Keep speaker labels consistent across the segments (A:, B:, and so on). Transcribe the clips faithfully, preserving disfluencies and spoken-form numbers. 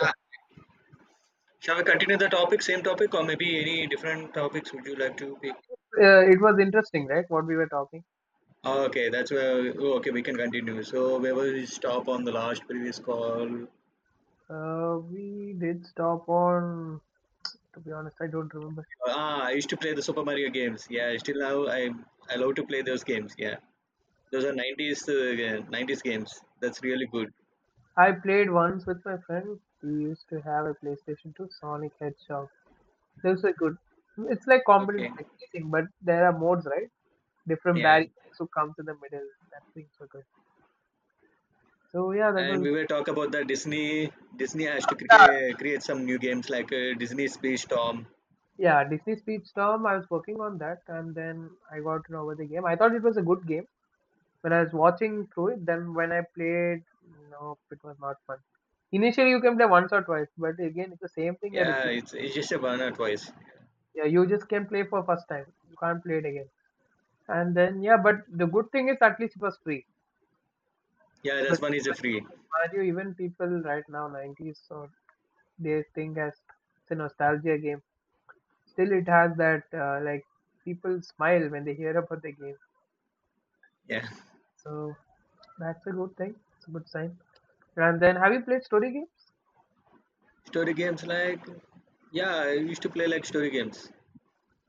A: Yeah.
B: Shall we continue the topic, same topic, or maybe any different topics would you like to pick?
A: Uh, it was interesting, right? What we were talking.
B: Okay. that's where. Oh, okay, we can continue. So where was we stop on the last previous call?
A: Uh, we did stop on. To be honest, I don't remember.
B: Ah, I used to play the Super Mario games. Yeah, still now I I love to play those games. Yeah, those are nineties uh, nineties games. That's really good.
A: I played once with my friend. We used to have a PlayStation two, Sonic Hedgehog. Those are good. It's like
B: Okay,
A: competitive chasing, but there are modes, right? Different
B: yeah.
A: barriers who come to the middle. That things were good. So yeah, that
B: And
A: was
B: we will talk about that Disney. Disney has to create create some new games like uh, Disney Space Storm.
A: yeah. Disney Speedstorm. I was working on that, and then I got to know about the game. I thought it was a good game. When I was watching through it, then when I played, no, it was not fun. Initially, you can play once or twice, but again, it's the same thing you
B: Yeah,
A: repeat.
B: it's it's just a one or twice.
A: Yeah, you just can play for first time. You can't play it again. And then, yeah, but the good thing is at least it was free.
B: Yeah, that's
A: But
B: one is a free.
A: Mario, even people right now, nineties, or they think as it's a nostalgia game. Still, it has that, uh, like, people smile when they hear about the game.
B: Yeah.
A: So, that's a good thing. It's a good sign. And then, have you played story games?
B: Story games? Like, yeah, I used to play like story games.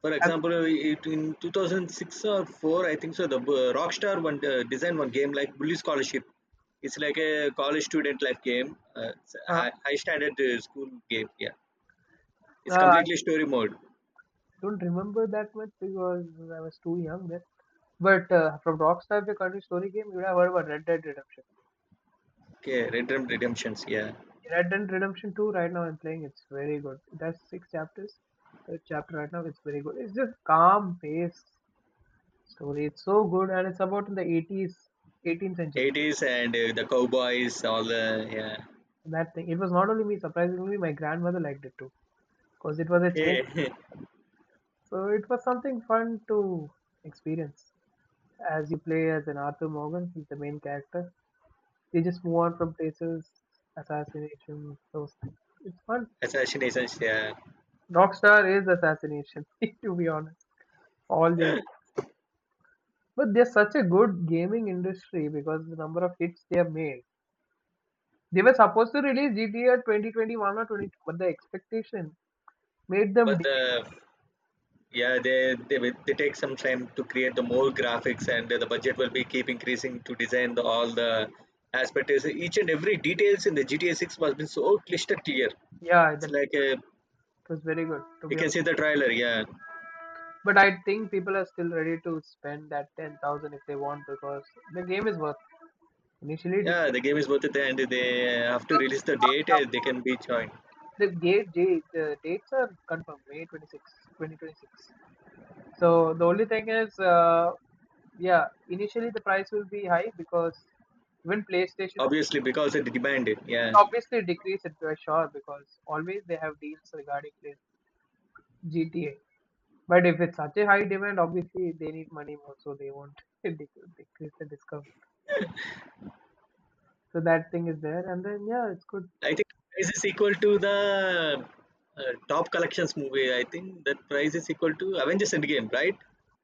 B: For
A: Have you,
B: example, it, in two thousand six or four, I think so, the uh, Rockstar one uh, designed one game like Bully Scholarship. It's like a college student life game, uh, it's a
A: huh?
B: high, high standard uh, school game. Yeah, it's
A: Uh,
B: completely story mode.
A: don't remember that much because I was too young then. But uh, from Rockstar, the country story game, you would have heard about Red Dead Redemption.
B: Okay, Red Dead Redemptions. Yeah,
A: Red Dead Redemption two, right now I'm playing, it's very good. It has six chapters. Third chapter right now, it's very good. It's just calm paced story. It's so good, and it's about in the eighties, eighteenth century.
B: eighties and uh, the cowboys, all the yeah.
A: That thing. It was not only me, surprisingly, my grandmother liked it too, because it was a change.
B: Okay,
A: So it was something fun to experience as you play as an Arthur Morgan, he's the main character. They just move on from places, assassination, those things. It's fun.
B: assassinations. Yeah,
A: Rockstar is assassination, to be honest. All they But they're such a good gaming industry because the number of hits they have made. They were supposed to release G T A twenty twenty-one or twenty-two, but the expectation made them.
B: but
A: De-
B: the yeah, they, they will- they take some time to create the more graphics, and the budget will be keep increasing to design the, all the aspects. Each and every details in the G T A Six was been so crystal clear.
A: yeah,
B: It's
A: that
B: like uh
A: was very good, to
B: you
A: be
B: can
A: honest.
B: see the trailer. Yeah,
A: But I think people are still ready to spend that ten thousand if they want because the game is worth it. Initially, it
B: yeah, the game is worth it, and they have to release the date.
A: was.
B: uh, They can be joined
A: The date, date, the dates are confirmed, May twenty-sixth, twenty twenty-six, twenty twenty-six. So the only thing is, uh, yeah, initially the price will be high because even PlayStation
B: obviously because it demanded. Yeah,
A: obviously decrease it by sure because always they have deals regarding play G T A. But if it's such a high demand, obviously they need money more, so they won't dec- decrease the discount. So that thing is there, and then yeah, it's good.
B: I think price is equal to the uh, top collections movie. I think that price is equal to Avengers Endgame, right?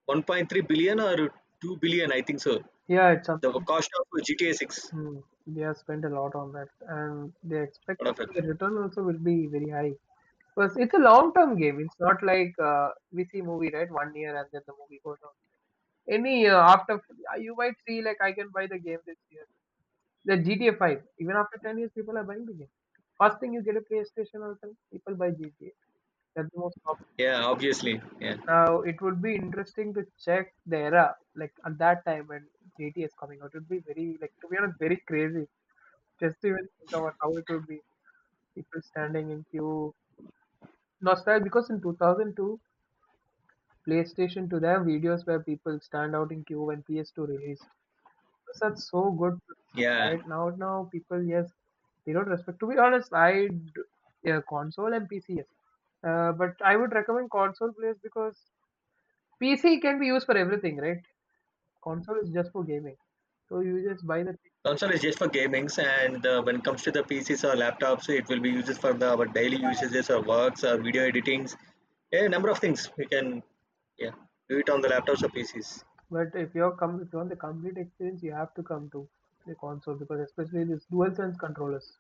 B: one point three billion or two billion, I think so.
A: Yeah, it's
B: The
A: something.
B: cost of G T A six,
A: Hmm. They have spent a lot on that, and they expect
B: what of it?
A: the return also will be very high. Because it's a long-term game. It's not like uh, we see movie, right? One year and then the movie goes out. Any year after, uh, you might see like I can buy the game this year. The G T A five, even after ten years, people are buying the game. First thing you get a PlayStation or something, people buy G T A. That's the most common.
B: Yeah, obviously. Yeah,
A: Now, it would be interesting to check the era, like at that time when G T A is coming out. It would be very, like, to be honest, very crazy. Just to even think about how it would be. People standing in queue. Nostalgia, because in two thousand two, PlayStation to their videos where people stand out in queue when P S two released. Because that's so good
B: yeah.
A: right now. Now people, yes, they don't respect. To be honest, I d- yeah, console and P C, yes. Uh, but I would recommend console players because P C can be used for everything, right? Console is just for gaming, so you just buy the thing.
B: Console is just for gamings, and uh, when it comes to the P Cs or laptops, it will be used for the our daily usages or works or video editings. Yeah, number of things we can, yeah, do it on the laptops or P Cs.
A: But if you're come, if you want the complete experience, you have to come to the console because especially this DualSense controllers.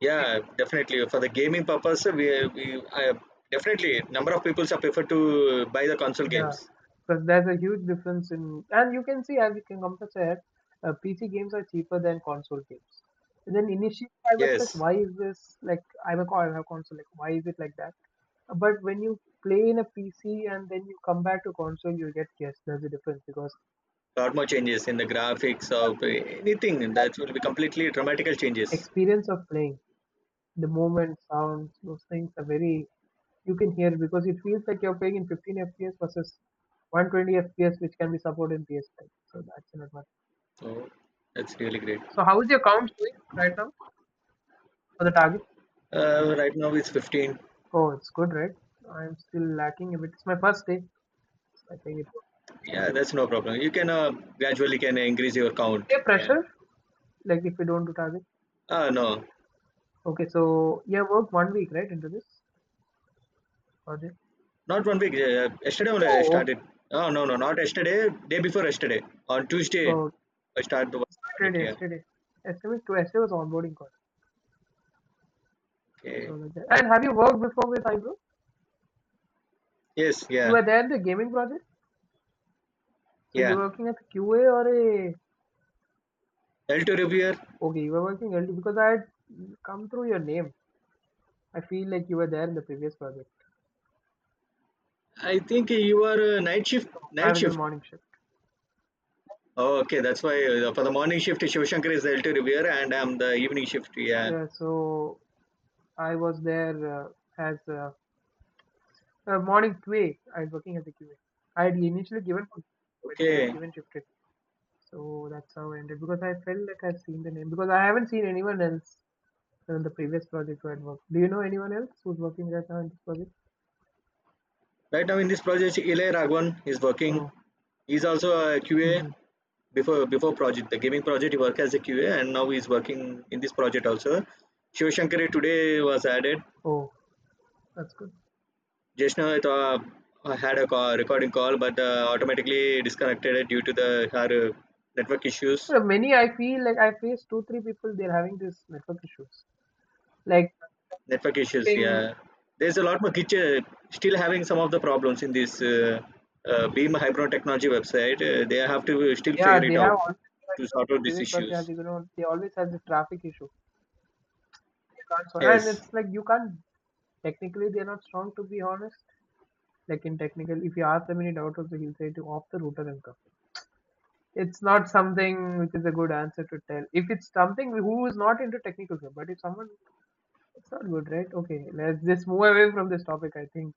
B: Yeah, definitely for the gaming purpose, we we I, definitely number of people prefer to buy the console
A: Yeah,
B: games.
A: because there's a huge difference in, and you can see as you can compare, uh, P C games are cheaper than console games. And then initially I was like,
B: Yes,
A: why is this like I'm a co- I have a console, like why is it like that? But when you play in a P C and then you come back to console, you get yes, there's a difference because
B: lot more changes in the graphics or anything that will be completely dramatical changes.
A: experience of playing, the movement, sounds, those things are very you can hear because it feels like you're playing in fifteen F P S versus one hundred twenty F P S, which can be supported in P S five. So that's an advantage.
B: Oh, that's really great.
A: So how is your count doing right now? So the target.
B: Uh, right now it's fifteen.
A: Oh, it's good, right? I'm still lacking a bit. It's my first day. I think it
B: Yeah, that's no problem. You can uh, gradually can increase your count.
A: okay
B: Yeah.
A: pressure, like if we don't do target.
B: Ah, no,
A: Okay, so you have worked one week, right, into this project?
B: not one week. Uh, yesterday only I
A: Oh,
B: started. Oh, no, no, not yesterday. Day before yesterday. On Tuesday,
A: oh,
B: I start to work on it.
A: started
B: Yeah.
A: yesterday. Yesterday, to yesterday was onboarding call. So
B: Okay.
A: like that. And have you worked before with Ibro?
B: Yes.
A: You
B: Yeah.
A: were there in the gaming project? So you
B: Yeah.
A: were working as a Q A or a.
B: L two reviewer.
A: Okay, you were working L D because I had come through your name. I feel like you were there in the previous project.
B: I think you are uh, night shift.
A: I
B: Night
A: was in the
B: shift.
A: morning shift.
B: Oh, okay. That's why uh, for the morning shift, Shivashankar is the L two reviewer, and I'm the evening shift. Yeah.
A: Yeah, so I was there uh, as a, a morning Q A. I was working as a Q A. I had initially given, for- but they had
B: Okay.
A: given shifted. So that's how I ended because I felt like I've seen the name because I haven't seen anyone else in the previous project where I worked. Do you know anyone else who's working right now in this project?
B: Right now in this project, Ilay Raghavan is working.
A: Oh,
B: He's also a Q A
A: hmm,
B: before before project, the gaming project. He worked as a Q A and now he's working in this project also. Shiv Shankari today was added.
A: oh, that's good.
B: Jeshna, now I thought I had a call, recording call, but uh, automatically disconnected due to the her uh, network issues.
A: There many. I feel like I faced two, three people. They're having these network issues. Like
B: Network issues,
A: getting,
B: yeah. There's a lot more glitches. Still having some of the problems in this uh, uh, Beam Hybron Technology website. Uh, they have to still
A: yeah,
B: figure
A: they
B: it out
A: have always
B: to
A: like
B: sort
A: the
B: out these
A: previous project has,
B: issues.
A: you know they always has the traffic issue you can't solve. And
B: Yes.
A: it's like you can't. Technically, they're not strong, to be honest. Like in technical, if you ask them any doubt also, he'll say to off the router and come. It's not something which is a good answer to tell. If it's something who is not into technical stuff, but if someone, it's not good, right? Okay, let's just move away from this topic. I think.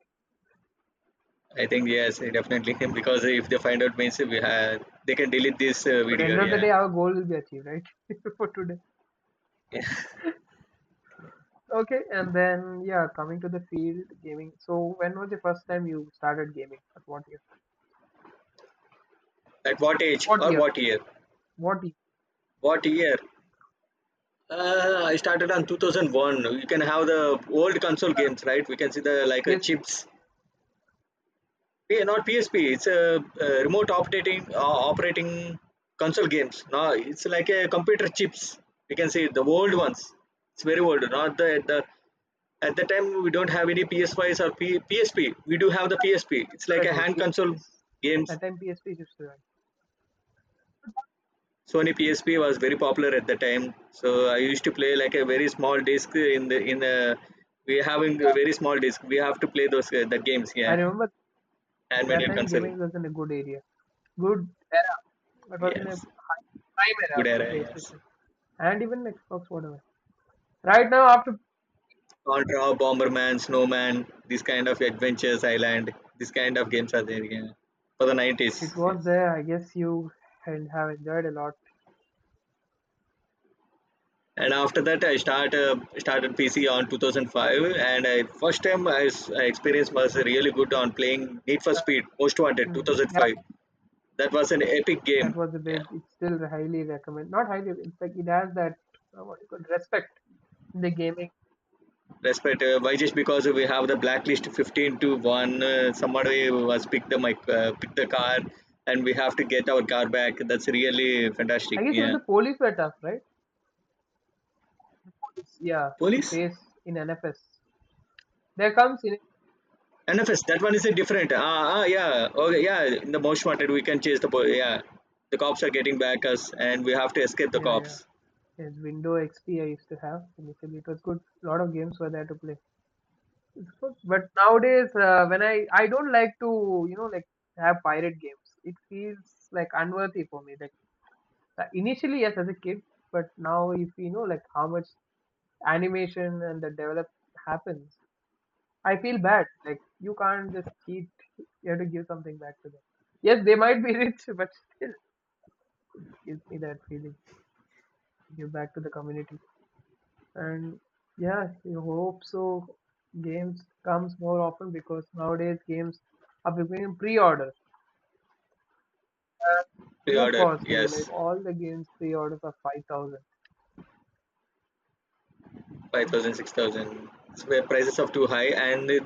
B: I think yes, definitely because if they find out means we have they can delete this uh,
A: But
B: video.
A: end of the
B: Yeah.
A: day, our goal will be achieved, right? For today. Okay, and then yeah, coming to the field gaming. So when was the first time you started gaming? At what year?
B: At what age
A: What
B: or
A: year?
B: what year?
A: What year?
B: What year? Uh, I started on two thousand one. You can have the old console games, right? We can see the like uh,
A: P S P.
B: chips. Yeah, not P S P. It's a, uh remote operating uh, operating console games. No, it's like a computer chips. You can see the old
A: Hmm.
B: ones. It's very old. Not the at the at the time we don't have any P S fives or P, PSP. We do have the P S P. It's like
A: That
B: a
A: was
B: hand console
A: P S Ps.
B: games.
A: That time P S Ps used to run.
B: Sony P S P was very popular at the time. So I used to play like a very small disc in the in a we having a very small disc. We have to play those uh, the games.
A: I
B: Yeah,
A: remember that
B: handmade
A: time
B: console.
A: gaming was in a good area, good era. It was in a
B: Yes,
A: prime era
B: good
A: for
B: era. Yes.
A: PlayStation and even Xbox, whatever. Right now, after
B: Contra, Bomberman, Snowman, these kind of adventures, Island, these kind of games are there yeah. For the nineties.
A: it was
B: Yes.
A: there, I guess you and have enjoyed a lot.
B: And after that, I start uh, started P C on two thousand five, and I first time I, s- I experienced was really good on playing Need for Speed Most Wanted
A: Hmm. Yeah,
B: two thousand five. That was an epic game.
A: that was a
B: Yeah.
A: big. It's still highly recommend. Not highly. It's like it has that uh, what you call respect in the gaming.
B: Respect. Uh, why just because we have the blacklist fifteen to one. Uh, somebody was pick the mic, uh, pick the car, and we have to get our car back. That's really fantastic.
A: I guess even
B: Yeah.
A: the police were tough, right? Police, yeah, to
B: Police.
A: chase in N F S. There comes in.
B: N F S, that one is a different. Ah, ah, yeah. Okay, yeah. In the most wanted, we can chase the po- yeah. The cops are getting back us, and we have to escape the
A: Yeah, yeah.
B: cops.
A: Yes, Windows X P I used to have initially. It was good. A lot of games were there to play. So, but nowadays, uh, when I I don't like to you know like have pirate games. It feels like unworthy for me. Like uh, initially, yes, as a kid, but now if you know like how much animation and the develop happens, I feel bad. Like you can't just cheat. You have to give something back to them. Yes, they might be rich, but still gives me that feeling. Give back to the community, and yeah, you hope so. Games comes more often because nowadays games are becoming pre-order
B: The
A: too
B: order,
A: costly.
B: yes,
A: Like all the games pre-orders are five thousand.
B: five thousand, six thousand. It's where prices are too high, and it,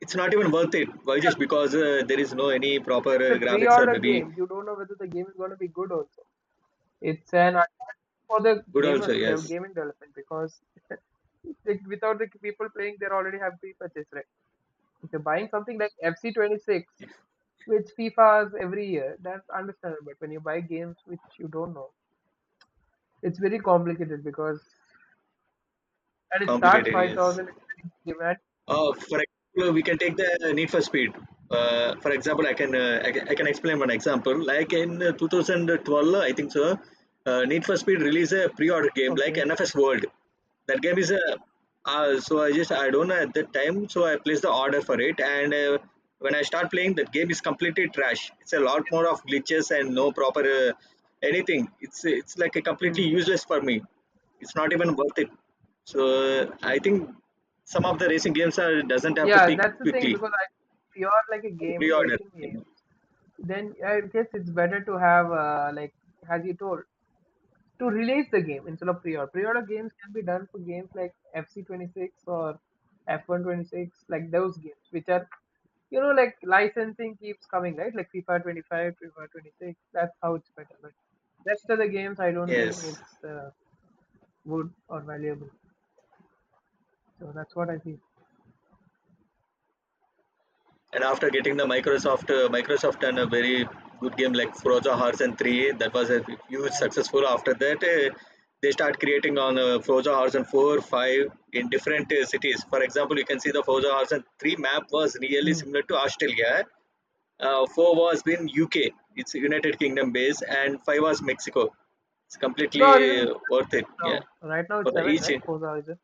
B: it's not even worth it. Why just because uh, there is no any proper
A: It's
B: uh,
A: a
B: graphics or
A: pre-order
B: maybe
A: game. You don't know whether the game is going to be good. Also, it's an attack for the
B: good also.
A: gamers. They have
B: Yes,
A: gaming development because like, without the people playing, they already have pre-purchase right. If you're buying something like F C twenty-six, which FIFA is every year, that's understandable. But when you buy games which you don't know, it's very complicated because and it starts
B: complicated.
A: five
B: Yes,
A: thousand demand.
B: Uh, for example, we can take
A: Yeah.
B: the Need for Speed. Uh, for example, I can, uh, I can I can explain one example. Like in uh, two thousand twelve, I think so. Uh, Need for Speed released a pre-order game like
A: Okay.
B: N F S World. That game is a uh, so I just I don't know at that time, so I placed the order for it. And uh, when I start playing, that game is completely trash. It's a lot more of glitches and no proper uh, anything. It's it's like a completely
A: Hmm.
B: useless for me. It's not even worth it. So uh, I think some of the racing games are doesn't have to
A: Yeah,
B: pick
A: that's the thing
B: quickly for
A: because I, if you're like a
B: the
A: gaming
B: pre-order.
A: racing game, then I guess it's better to have uh, like as you told to release the game instead of pre-order. Pre-order games can be done for games like F C twenty-six or F one twenty-six, like those games which are, you know like, licensing keeps coming right, like FIFA twenty-five, FIFA twenty-six. That's how it's better. But rest of the games, I don't think
B: Yes,
A: it's uh, good or valuable. So that's what I feel.
B: and after getting the Microsoft uh, Microsoft and a very good game like Forza Horizon three, that was a huge successful. After that, uh, they start creating on uh, Forza Horizon four, five in different uh, cities. For example, you can see the Forza Horizon three map was really
A: Mm.
B: similar to Australia. Uh, four was been U K. It's United Kingdom base, and five was Mexico. It's
A: So
B: completely
A: Horizon,
B: uh, worth it. Yeah,
A: no, right now
B: for
A: it's
B: the
A: seven,
B: each
A: right? Forza Horizon.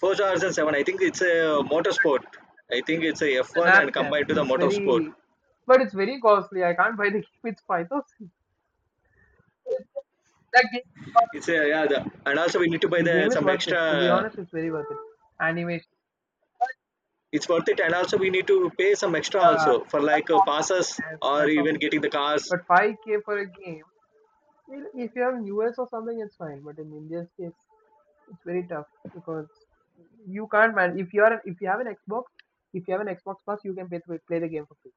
B: four stars and seven. I think it's a motorsport. I think it's a F
A: The
B: one and
A: NASCAR.
B: combined to the
A: It's
B: motorsport.
A: very, but it's very costly. I can't buy the game. It's five thousand. That game, is worth
B: It's
A: it.
B: a yeah, the, and also we need to buy
A: The
B: the
A: game is
B: some
A: worth it. To be
B: extra.
A: honest, it's very worth it. Animation,
B: It's worth it, and also we need to pay some extra
A: yeah,
B: also for like
A: that's
B: uh, passes
A: obvious.
B: or
A: That's
B: even
A: obviously
B: getting the
A: that.
B: cars.
A: But five k for a game. Well, if you have in U S or something, it's fine. But in India's case, it's very tough because you can't man. If you are if you have an Xbox, if you have an Xbox Plus, you can play, play the game for free.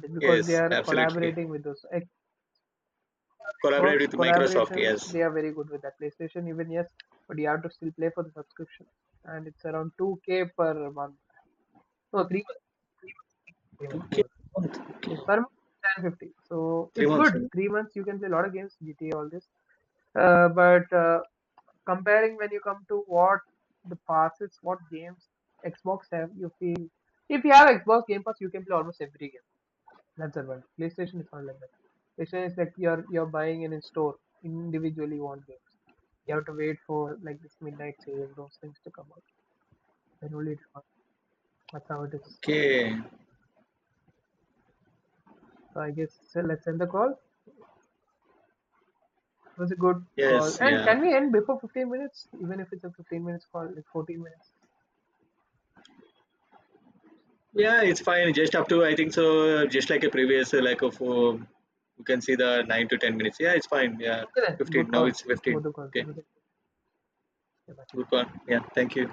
A: But because they
B: Yes,
A: are
B: absolutely.
A: collaborating with those
B: Collaborate
A: Xbox
B: with Microsoft.
A: collaborations,
B: Yes.
A: they are very good with that. PlayStation even yes, but you have to still pay for the subscription, and it's around two k per month. No, three months. Three months. Three
B: Two
A: months. Three
B: K
A: months.
B: month. Okay.
A: Per month, ten fifty. So
B: Three
A: it's
B: months.
A: good. Three months you can play a lot of games, G T A, all this. Uh, but uh, comparing when you come to what the passes, what games Xbox have, you feel if you have Xbox Game Pass, you can play almost every game. That's the one. PlayStation is not like that. PlayStation is like you're you're buying in a store individually you want games. You have to wait for like this midnight sale, those things to come out. Then only it comes. That's how it is.
B: Okay.
A: So I guess so let's end the call. It was a good call.
B: Yes,
A: And
B: yeah.
A: can we end before fifteen minutes? Even if it's a fifteen minutes call, like fourteen minutes.
B: Yeah, it's fine. Just up to, I think so, just like a previous, uh, like of, uh, you can see the nine to ten minutes. Yeah, it's fine. Yeah,
A: Okay then.
B: fifteen.
A: Good
B: Now
A: call.
B: it's fifteen.
A: Both the calls.
B: Okay,
A: It was a good
B: good one. Yeah, thank you.